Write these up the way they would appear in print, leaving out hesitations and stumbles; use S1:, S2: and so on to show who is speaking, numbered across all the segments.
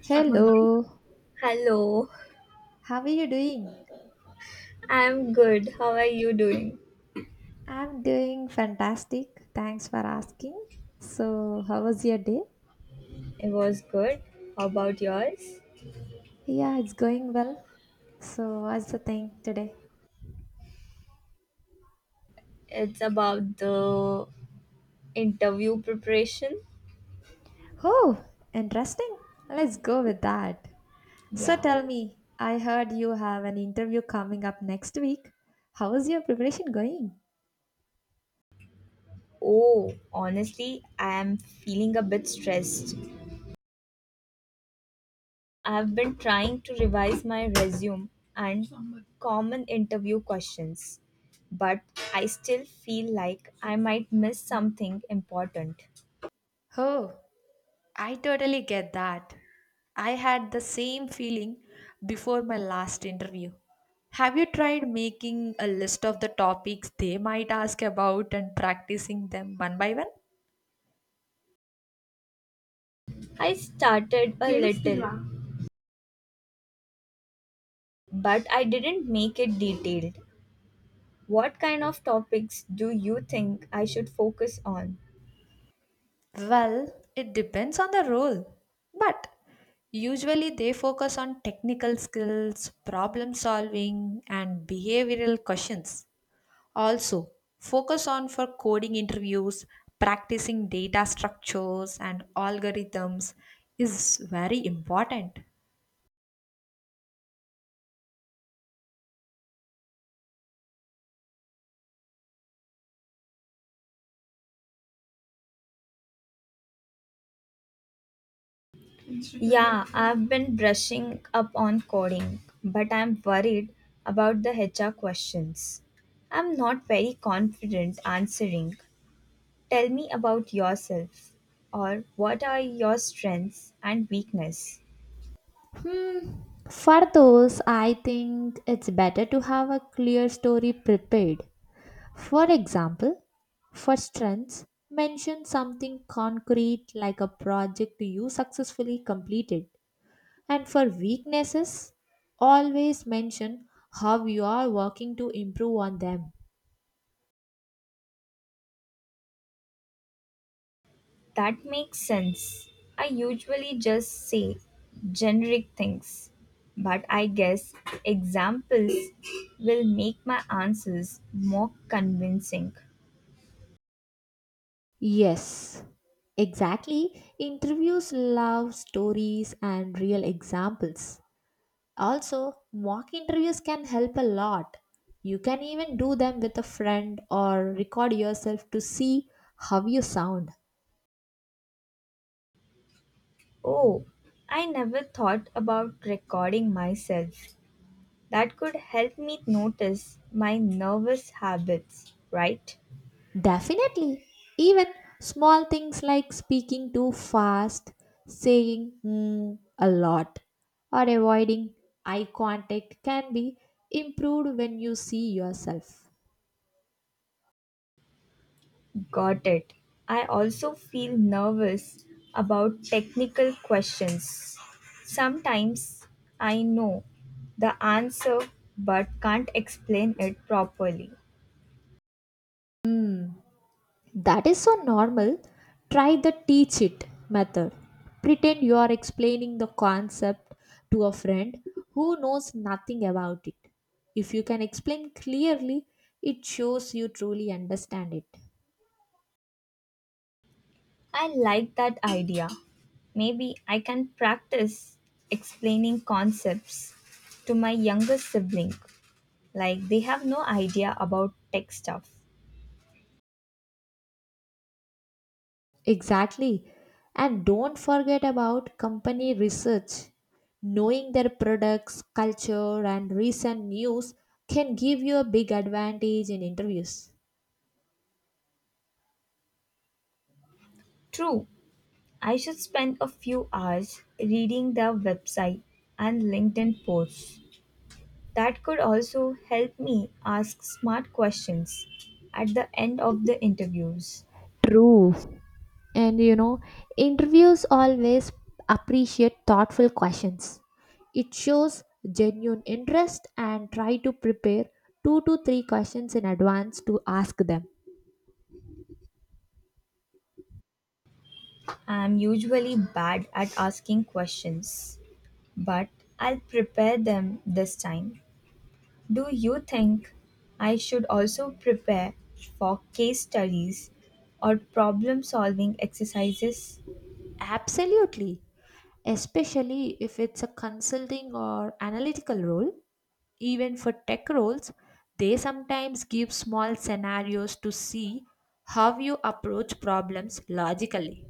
S1: Start my.
S2: Hello,
S1: Hello,
S2: how are you doing?
S1: I'm good. How are you doing?
S2: I'm doing fantastic. Thanks for asking. So, how was your day?
S1: It was good. How about yours?
S2: Yeah, it's going well. So, what's the thing today?
S1: It's about the interview preparation.
S2: Oh, interesting. Let's go with that. So,
S1: Yeah.
S2: tell me, I heard you have an interview coming up next week. How is your preparation going?
S1: Oh, honestly, I am feeling a bit stressed. I've been trying to revise my resume and common interview questions, but I still feel like I might miss something important.
S2: Oh, I totally get that. I had the same feeling before my last interview. Have you tried making a list of the topics they might ask about and practicing them one by one?
S1: I started a little. But I didn't make it detailed. What kind of topics do you think I should focus on?
S2: Well, it depends on the role. But usually they focus on technical skills, problem solving, and behavioral questions. Also, focus on for coding interviews, practicing data structures and algorithms is very important.
S1: Yeah, I've been brushing up on coding, but I'm worried about the HR questions. I'm not very confident answering. Tell me about yourself or what are your strengths and weakness?
S2: Hmm. For those, I think it's better to have a clear story prepared. For example, for strengths, mention something concrete like a project you successfully completed. And for weaknesses, always mention how you are working to improve on them.
S1: That makes sense. I usually just say generic things, but I guess examples will make my answers more convincing.
S2: Yes, exactly. Interviews love stories and real examples. Also, mock interviews can help a lot. You can even do them with a friend or record yourself to see how you sound.
S1: Oh, I never thought about recording myself. That could help me notice my nervous habits, right?
S2: Definitely. Even small things like speaking too fast, saying mm, a lot, or avoiding eye contact can be improved when you see yourself.
S1: Got it. I also feel nervous about technical questions. Sometimes I know the answer but can't explain it properly.
S2: That is so normal. Try the teach it method. Pretend you are explaining the concept to a friend who knows nothing about it. If you can explain clearly, it shows you truly understand it.
S1: I like that idea. Maybe I can practice explaining concepts to my younger sibling, like they have no idea about tech stuff.
S2: Exactly. And don't forget about company research. Knowing their products, culture, and recent news can give you a big advantage in interviews.
S1: True, I should spend a few hours reading their website and LinkedIn posts. That could also help me ask smart questions at the end of the interviews.
S2: True. And you know, interviews always appreciate thoughtful questions. It shows genuine interest and try to prepare two to three questions in advance to ask them.
S1: I'm usually bad at asking questions, but I'll prepare them this time. Do you think I should also prepare for case studies or problem solving exercises?
S2: Absolutely. Especially if it's a consulting or analytical role, even for tech roles, they sometimes give small scenarios to see how you approach problems logically.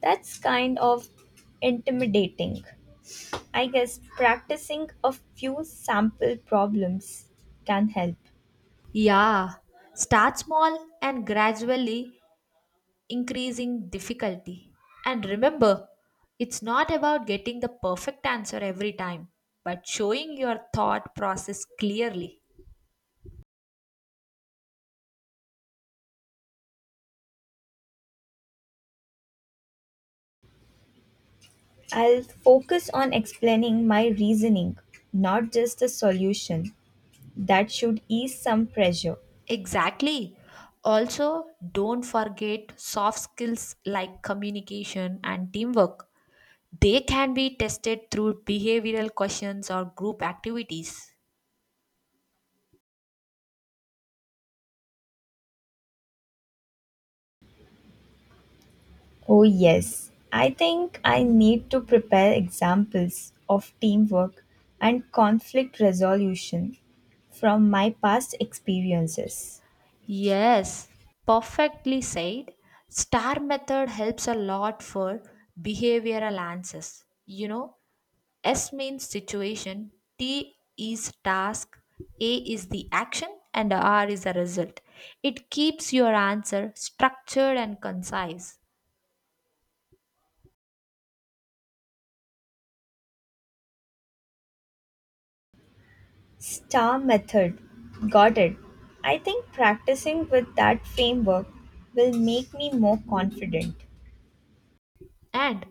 S1: That's kind of intimidating. I guess practicing a few sample problems can help.
S2: Yeah, start small and gradually increasing difficulty. And remember, it's not about getting the perfect answer every time, but showing your thought process clearly.
S1: I'll focus on explaining my reasoning, not just the solution. That should ease some pressure.
S2: Exactly. Also, don't forget soft skills like communication and teamwork. They can be tested through behavioral questions or group activities.
S1: Oh, yes. I think I need to prepare examples of teamwork and conflict resolution from my past experiences.
S2: Yes, perfectly said. STAR method helps a lot for behavioral answers. You know, S means situation, T is task, A is the action, and R is the result. It keeps your answer structured and concise.
S1: Star method. Got it. I think practicing with that framework will make me more confident.
S2: And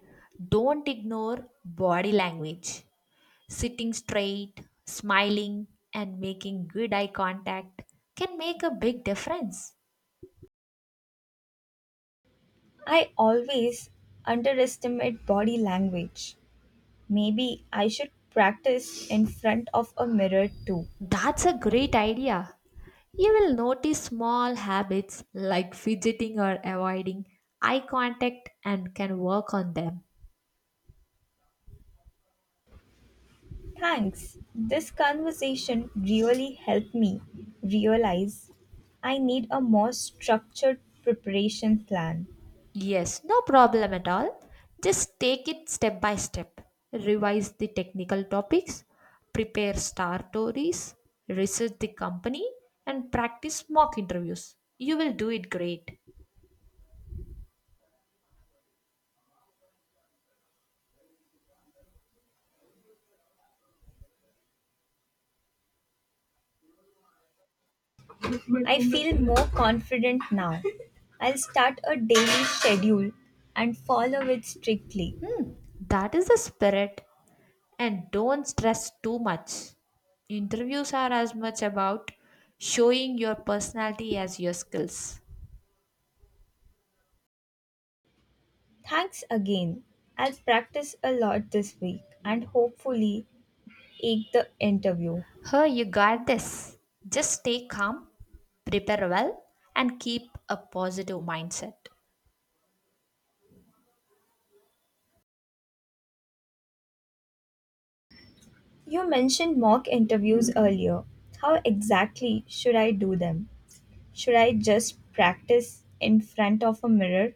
S2: don't ignore body language. Sitting straight, smiling, and making good eye contact can make a big difference.
S1: I always underestimate body language. Maybe I should practice in front of a mirror too.
S2: That's a great idea. You will notice small habits like fidgeting or avoiding eye contact and can work on them.
S1: Thanks. This conversation really helped me realize I need a more structured preparation plan.
S2: Yes, no problem at all. Just take it step by step. Revise the technical topics, prepare star stories, research the company, and practice mock interviews. You will do it great.
S1: I feel more confident now. I'll start a daily schedule and follow it strictly.
S2: That is the spirit, and don't stress too much. Interviews are as much about showing your personality as your skills.
S1: Thanks again. I'll practice a lot this week and hopefully ace the interview.
S2: Her, you got this. Just stay calm, prepare well, and keep a positive mindset.
S1: You mentioned mock interviews earlier. How exactly should I do them? Should I just practice in front of a mirror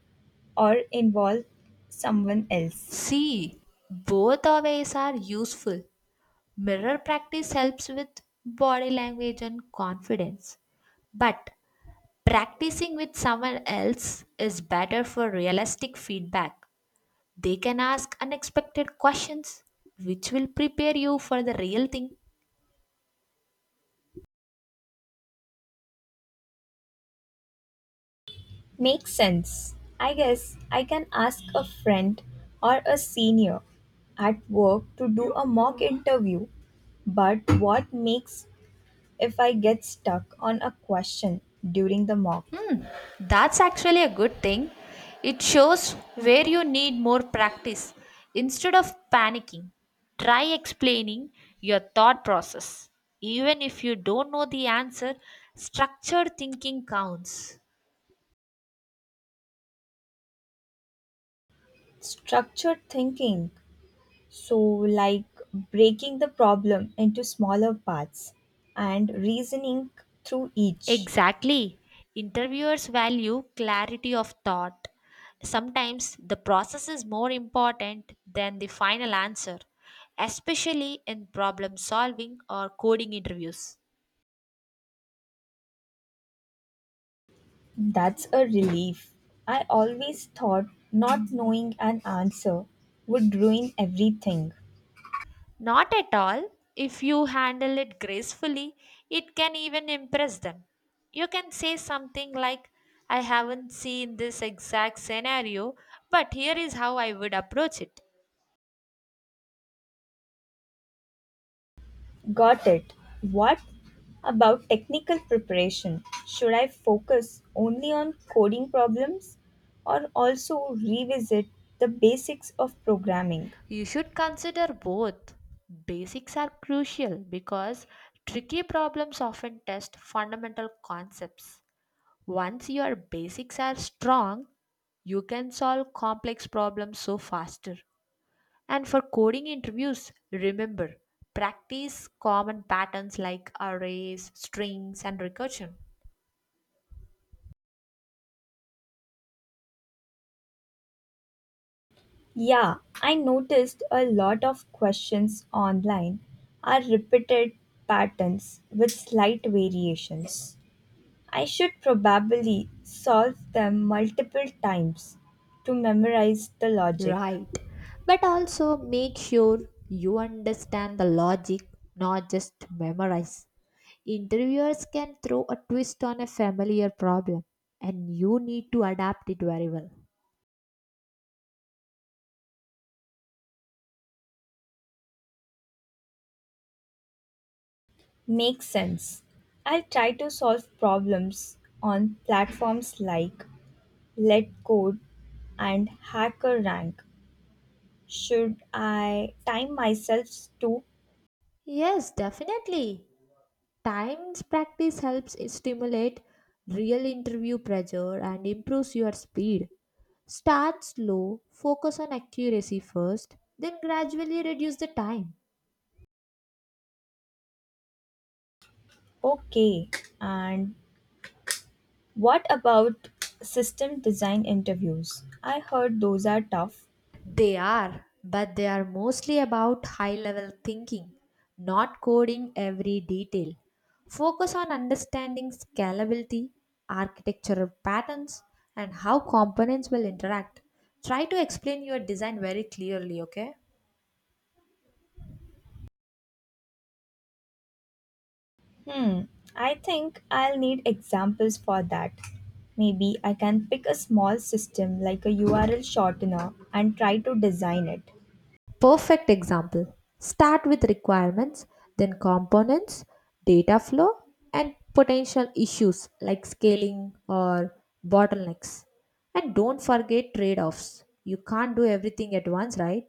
S1: or involve someone else?
S2: See, both the ways are useful. Mirror practice helps with body language and confidence. But practicing with someone else is better for realistic feedback. They can ask unexpected questions, which will prepare you for the real thing.
S1: Makes sense. I guess I can ask a friend or a senior at work to do a mock interview. But what makes if I get stuck on a question during the mock?
S2: That's actually a good thing. It shows where you need more practice. Instead of panicking, try explaining your thought process. Even if you don't know the answer, structured thinking counts.
S1: Structured thinking. So, like breaking the problem into smaller parts and reasoning through each.
S2: Exactly. Interviewers value clarity of thought. Sometimes the process is more important than the final answer, especially in problem solving or coding interviews.
S1: That's a relief. I always thought not knowing an answer would ruin everything.
S2: Not at all. If you handle it gracefully, it can even impress them. You can say something like, I haven't seen this exact scenario, but here is how I would approach it.
S1: Got it. What about technical preparation? Should I focus only on coding problems or also revisit the basics of programming?
S2: You should consider both. Basics are crucial because tricky problems often test fundamental concepts. Once your basics are strong, you can solve complex problems so faster. And for coding interviews, remember practice common patterns like arrays, strings, and recursion.
S1: Yeah, I noticed a lot of questions online are repeated patterns with slight variations. I should probably solve them multiple times to memorize the logic.
S2: Right. But also make sure you understand the logic, not just memorize. Interviewers can throw a twist on a familiar problem, and you need to adapt it very well.
S1: Makes sense. I'll try to solve problems on platforms like LetCode and HackerRank. Should I time myself to?
S2: Yes, definitely. Times practice helps stimulate real interview pressure and improves your speed. Start slow, focus on accuracy first, then gradually reduce the time.
S1: Okay, and what about system design interviews? I heard those are tough.
S2: They are, but they are mostly about high level thinking, not coding every detail. Focus on understanding scalability, architectural patterns, and how components will interact. Try to explain your design very clearly, okay?
S1: Hmm, I think I'll need examples for that. Maybe I can pick a small system like a URL shortener and try to design it.
S2: Perfect example. Start with requirements, then components, data flow, and potential issues like scaling or bottlenecks. And don't forget trade offs. You can't do everything at once, right?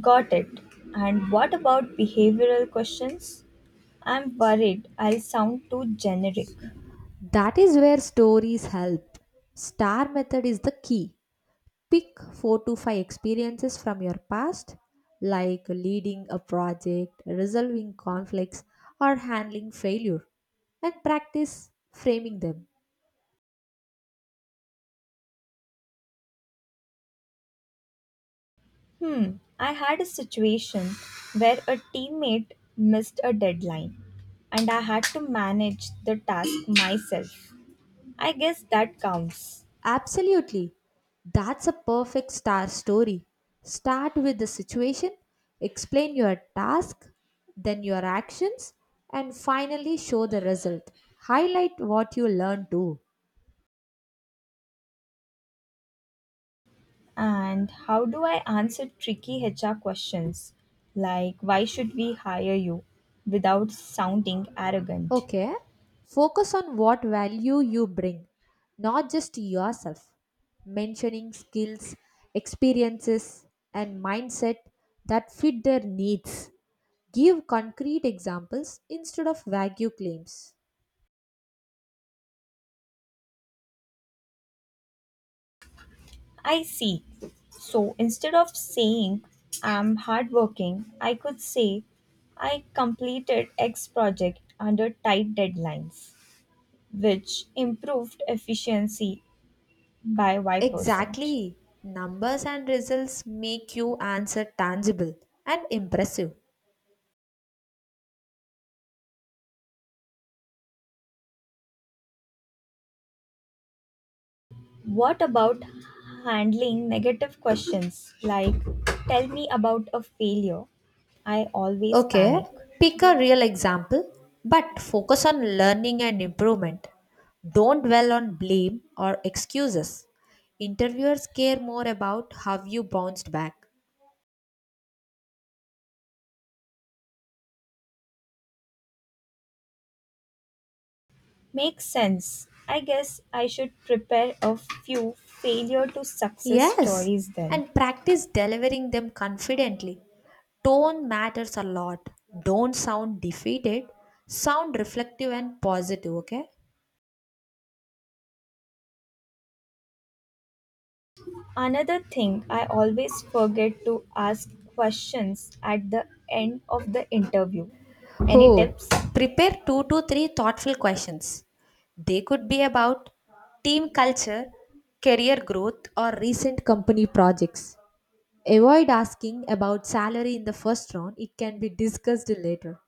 S1: Got it. And what about behavioral questions? I'm worried I'll sound too generic.
S2: That is where stories help. Star method is the key. Pick 4 to 5 experiences from your past, like leading a project, resolving conflicts, or handling failure, and practice framing them.
S1: Hmm, I had a situation where a teammate missed a deadline and I had to manage the task myself. I guess that counts.
S2: Absolutely. That's a perfect star story. Start with the situation, explain your task, then your actions, and finally show the result. Highlight what you learned too.
S1: And how do I answer tricky HR questions like why should we hire you without sounding arrogant?
S2: Okay? Focus on what value you bring, not just yourself. Mentioning skills, experiences, and mindset that fit their needs. Give concrete examples instead of vague claims.
S1: I see. So instead of saying I'm hardworking, I could say I completed X project under tight deadlines, which improved efficiency by Y% percent.
S2: Exactly. Numbers and results make you answer tangible and impressive.
S1: What about handling negative questions like, tell me about a failure? I always
S2: Okay,
S1: panic.
S2: pick a real example, but focus on learning and improvement. Don't dwell on blame or excuses. Interviewers care more about how you bounced back.
S1: Makes sense. I guess I should prepare a few failure to success
S2: Yes,
S1: stories then.
S2: and practice delivering them confidently. Tone matters a lot. Don't sound defeated, sound reflective and positive, okay?
S1: Another thing, I always forget to ask questions at the end of the interview. Any
S2: Who
S1: tips?
S2: prepare two to three thoughtful questions. They could be about team culture, career growth, or recent company projects. Avoid asking about salary in the first round, it can be discussed later.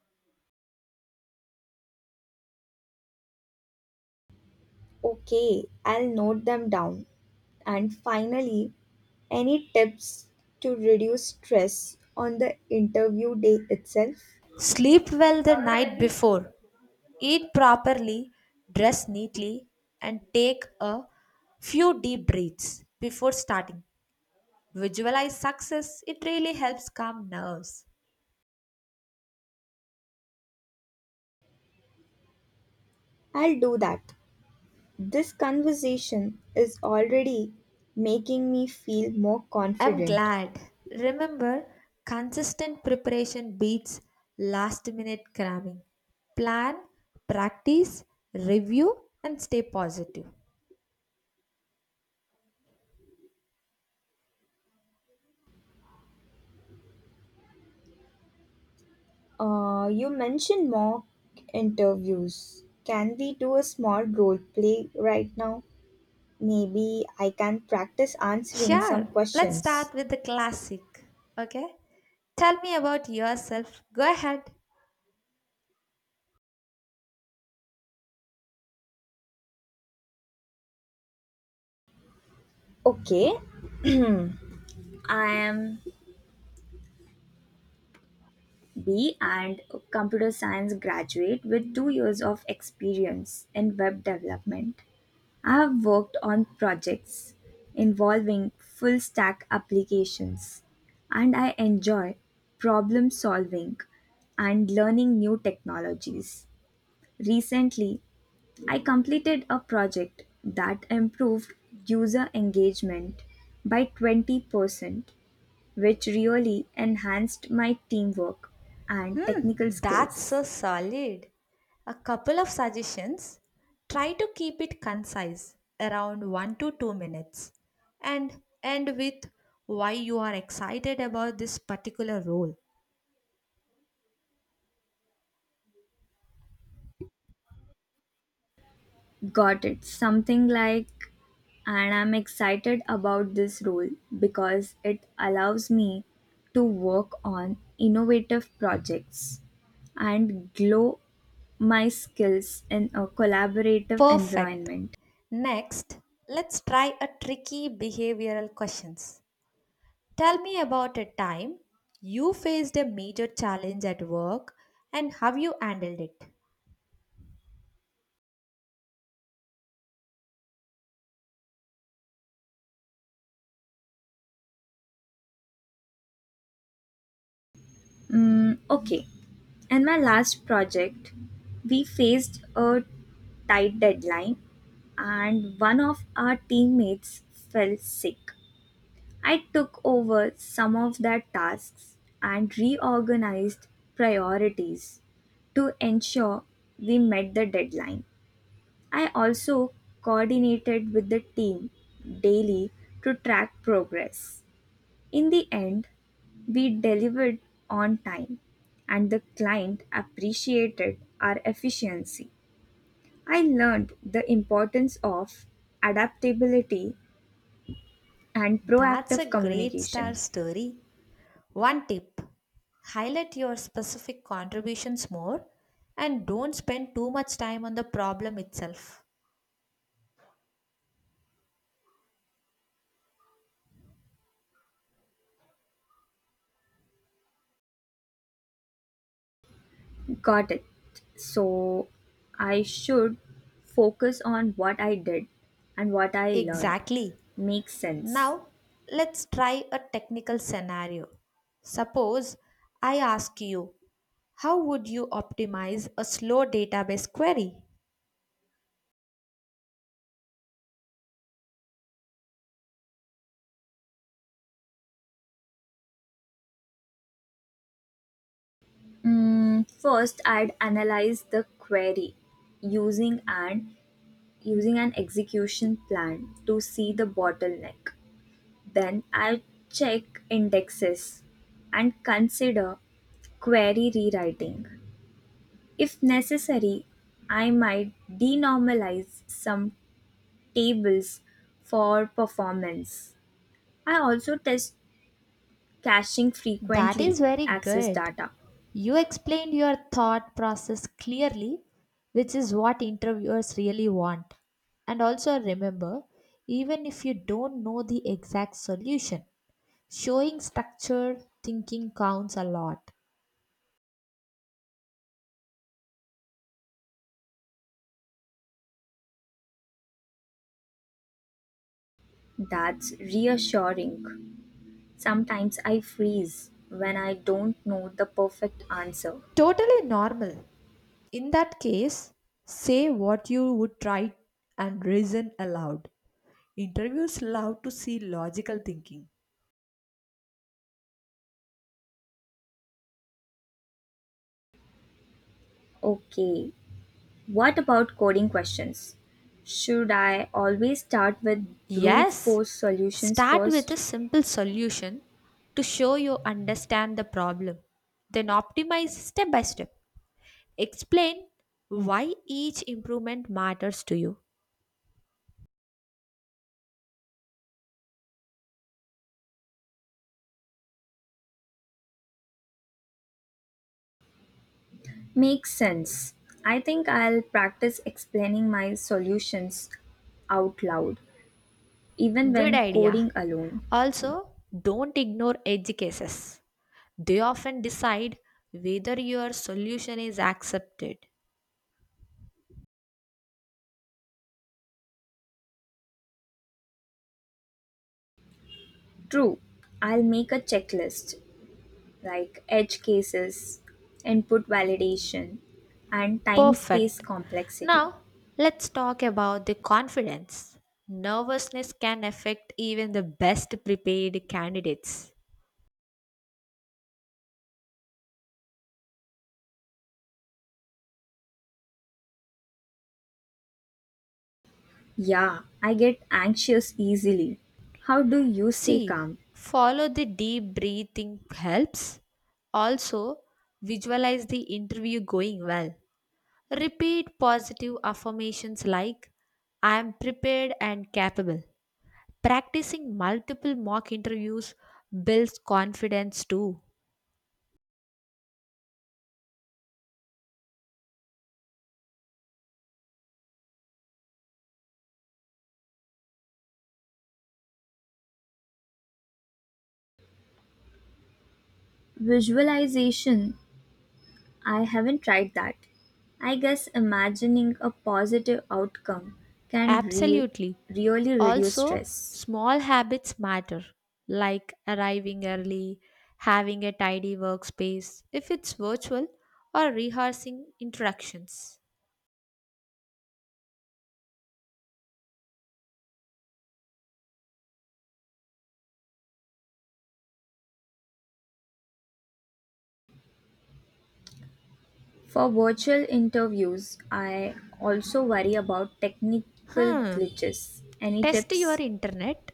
S1: Okay, I'll note them down. And finally, any tips to reduce stress on the interview day itself?
S2: Sleep well the night before, eat properly, dress neatly, and take a few deep breaths before starting. Visualize success, it really helps calm nerves.
S1: I'll do that. This conversation is already making me feel more
S2: I'm
S1: confident.
S2: glad. Remember, consistent preparation beats last minute cramming. Plan, practice, review, and stay positive.
S1: You mentioned mock interviews. Can we do a small role play right now? Maybe I can practice answering some
S2: Sure, let's
S1: questions.
S2: start with the classic. Okay? Tell me about yourself. Go ahead.
S1: Okay. I am B and computer science graduate with 2 years of experience in web development. I have worked on projects involving full stack applications and I enjoy problem solving and learning new technologies. Recently, I completed a project that improved user engagement by 20% which really enhanced my teamwork and technical
S2: That's so
S1: skills.
S2: solid. A couple of suggestions. Try to keep it concise, around 1 to 2 minutes, and end with why you are excited about this particular role.
S1: Got it. Something like, and I'm excited about this role because it allows me to work on innovative projects and glow my skills in a collaborative
S2: Perfect.
S1: environment.
S2: Next, let's try a tricky behavioral questions. Tell me about a time you faced a major challenge at work and how you handled it.
S1: Okay, in my last project, we faced a tight deadline and one of our teammates fell sick. I took over some of their tasks and reorganized priorities to ensure we met the deadline. I also coordinated with the team daily to track progress. In the end, we delivered on time and the client appreciated our efficiency. I learned the importance of adaptability and
S2: That's
S1: proactive
S2: a great star
S1: communication.
S2: story. One tip highlight your specific contributions more and don't spend too much time on the problem itself.
S1: Got it. So I should focus on what I did and what I learned.
S2: Exactly.
S1: Makes sense.
S2: Now, let's try a technical scenario. Suppose I ask you, how would you optimize a slow database query?
S1: First, I'd analyze the query using an using an execution plan to see the bottleneck. Then I check indexes and consider query rewriting. If necessary, I might denormalize some tables for performance. I also test caching
S2: That is
S1: frequently
S2: very
S1: access
S2: good.
S1: data.
S2: You explained your thought process clearly, which is what interviewers really want. And also remember, even if you don't know the exact solution, showing structured thinking counts a lot.
S1: That's reassuring. Sometimes I freeze when I don't know the perfect answer.
S2: Totally normal. In that case, say what you would try and reason aloud. Interviews love to see logical thinking.
S1: Okay, what about coding questions? Should I always start with brute
S2: Yes,
S1: force solutions
S2: start with a
S1: first?
S2: simple solution to show you understand the problem. Then optimize step by step. Explain why each improvement matters to you.
S1: Makes sense. I think I'll practice explaining my solutions out loud, even
S2: Good
S1: when
S2: idea.
S1: coding alone.
S2: Also, don't ignore edge cases. They often decide whether your solution is accepted.
S1: True, I'll make a checklist like edge cases, input validation, and time space
S2: Perfect.
S1: complexity.
S2: Now, let's talk about the confidence. Nervousness can affect even the best prepared candidates.
S1: Yeah, I get anxious easily. How do you stay
S2: See,
S1: calm?
S2: follow the deep breathing helps. Also, visualize the interview going well. Repeat positive affirmations like I am prepared and capable. Practicing multiple mock interviews builds confidence too.
S1: Visualization. I haven't tried that. I guess imagining a positive outcome can
S2: Absolutely.
S1: really reduce
S2: Also,
S1: stress.
S2: small habits matter, like arriving early, having a tidy workspace if it's virtual, or rehearsing introductions.
S1: For virtual interviews, I also worry about technical
S2: Hmm.
S1: glitches. Any
S2: Test your
S1: tips?
S2: internet,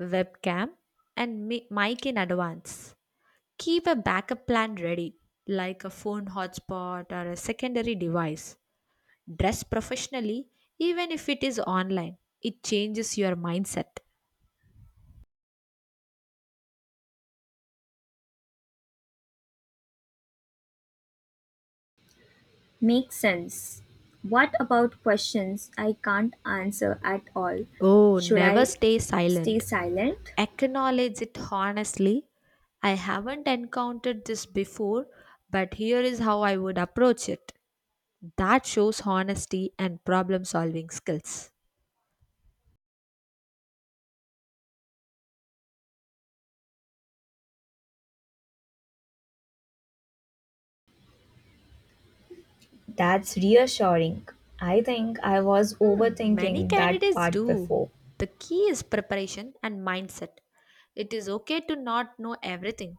S2: webcam, and mic in advance. Keep a backup plan ready, like a phone hotspot or a secondary device. Dress professionally, even if it is online. It changes your mindset.
S1: Make sense. What about questions I can't answer at all?
S2: Oh,
S1: Should
S2: never
S1: I
S2: stay
S1: stay
S2: silent.
S1: silent?
S2: Acknowledge it honestly. I haven't encountered this before, but here is how I would approach it. That shows honesty and problem solving skills.
S1: That's reassuring. I think I was
S2: Hmm, many
S1: overthinking that
S2: candidates
S1: part
S2: do.
S1: before.
S2: The key is preparation and mindset. It is okay to not know everything.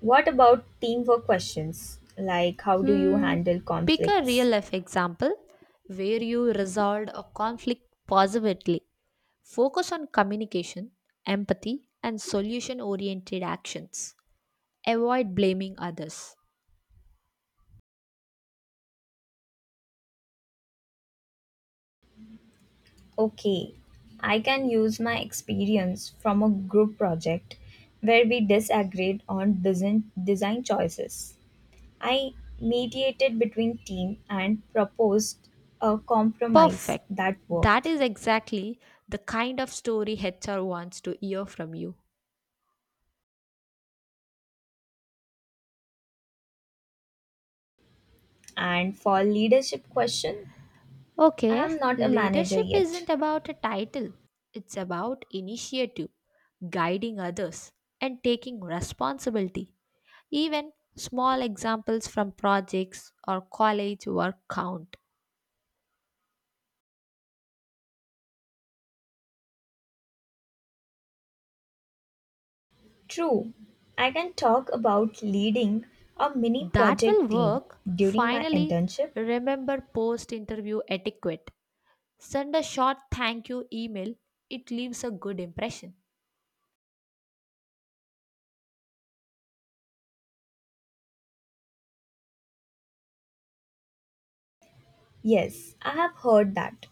S1: What about teamwork questions? Like, how do you
S2: Hmm,
S1: handle
S2: pick a real
S1: conflicts?
S2: life example where you resolved a conflict positively. Focus on communication, empathy, and solution oriented actions. Avoid blaming others.
S1: Okay, I can use my experience from a group project where we disagreed on design, design choices. I mediated between team and proposed a compromise
S2: Perfect.
S1: that
S2: That
S1: worked.
S2: is exactly the kind of story HR wants to hear from you.
S1: And for leadership question, I
S2: Okay,
S1: am not a manager
S2: leadership
S1: yet.
S2: isn't about a title, it's about initiative, guiding others and taking responsibility. Even small examples from projects or college work count.
S1: True, I can talk about leading a mini
S2: That will
S1: project team
S2: work.
S1: during my
S2: Finally,
S1: internship.
S2: remember post interview etiquette. Send a short thank you email, it leaves a good impression.
S1: Yes, I have heard that.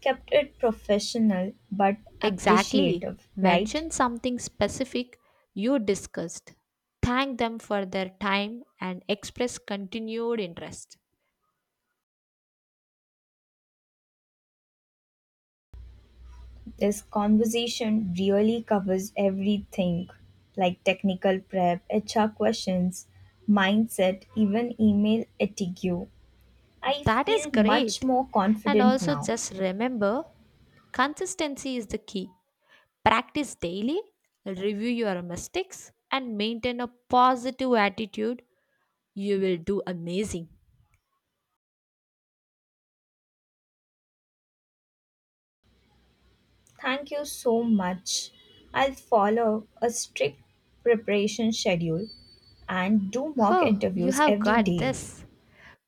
S1: Kept it professional but
S2: Exactly.
S1: appreciative, right?
S2: Mention something specific you discussed. Thank them for their time and express continued interest.
S1: This conversation really covers everything like technical prep, HR questions, mindset, even email etiquette. I
S2: That is
S1: feel much
S2: great.
S1: more
S2: And
S1: confident
S2: also,
S1: now.
S2: just remember consistency is the key. Practice daily, review your mistakes, and maintain a positive attitude. You will do amazing.
S1: Thank you so much. I'll follow a strict preparation schedule and do mock
S2: Oh, you
S1: interviews
S2: have
S1: every
S2: got
S1: day.
S2: this.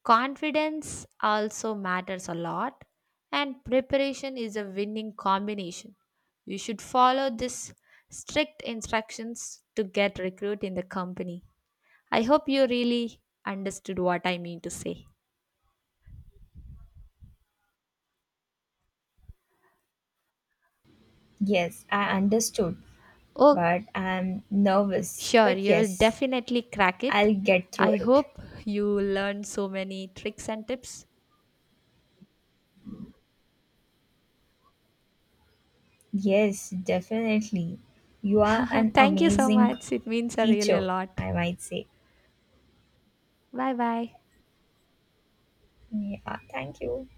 S2: Confidence also matters a lot, and preparation is a winning combination. You should follow this strict instructions to get recruit in the company. I hope you really understood what I mean to say.
S1: Yes, I understood,
S2: Oh,
S1: but I'm nervous.
S2: sure,
S1: But
S2: you will
S1: yes,
S2: definitely crack it.
S1: I'll get through
S2: I
S1: it.
S2: hope you learn so many tricks and tips.
S1: Yes, definitely. You are an
S2: Thank you so
S1: amazing
S2: much. It means a really a
S1: teacher,
S2: lot.
S1: I might say.
S2: Bye bye.
S1: Yeah, thank you.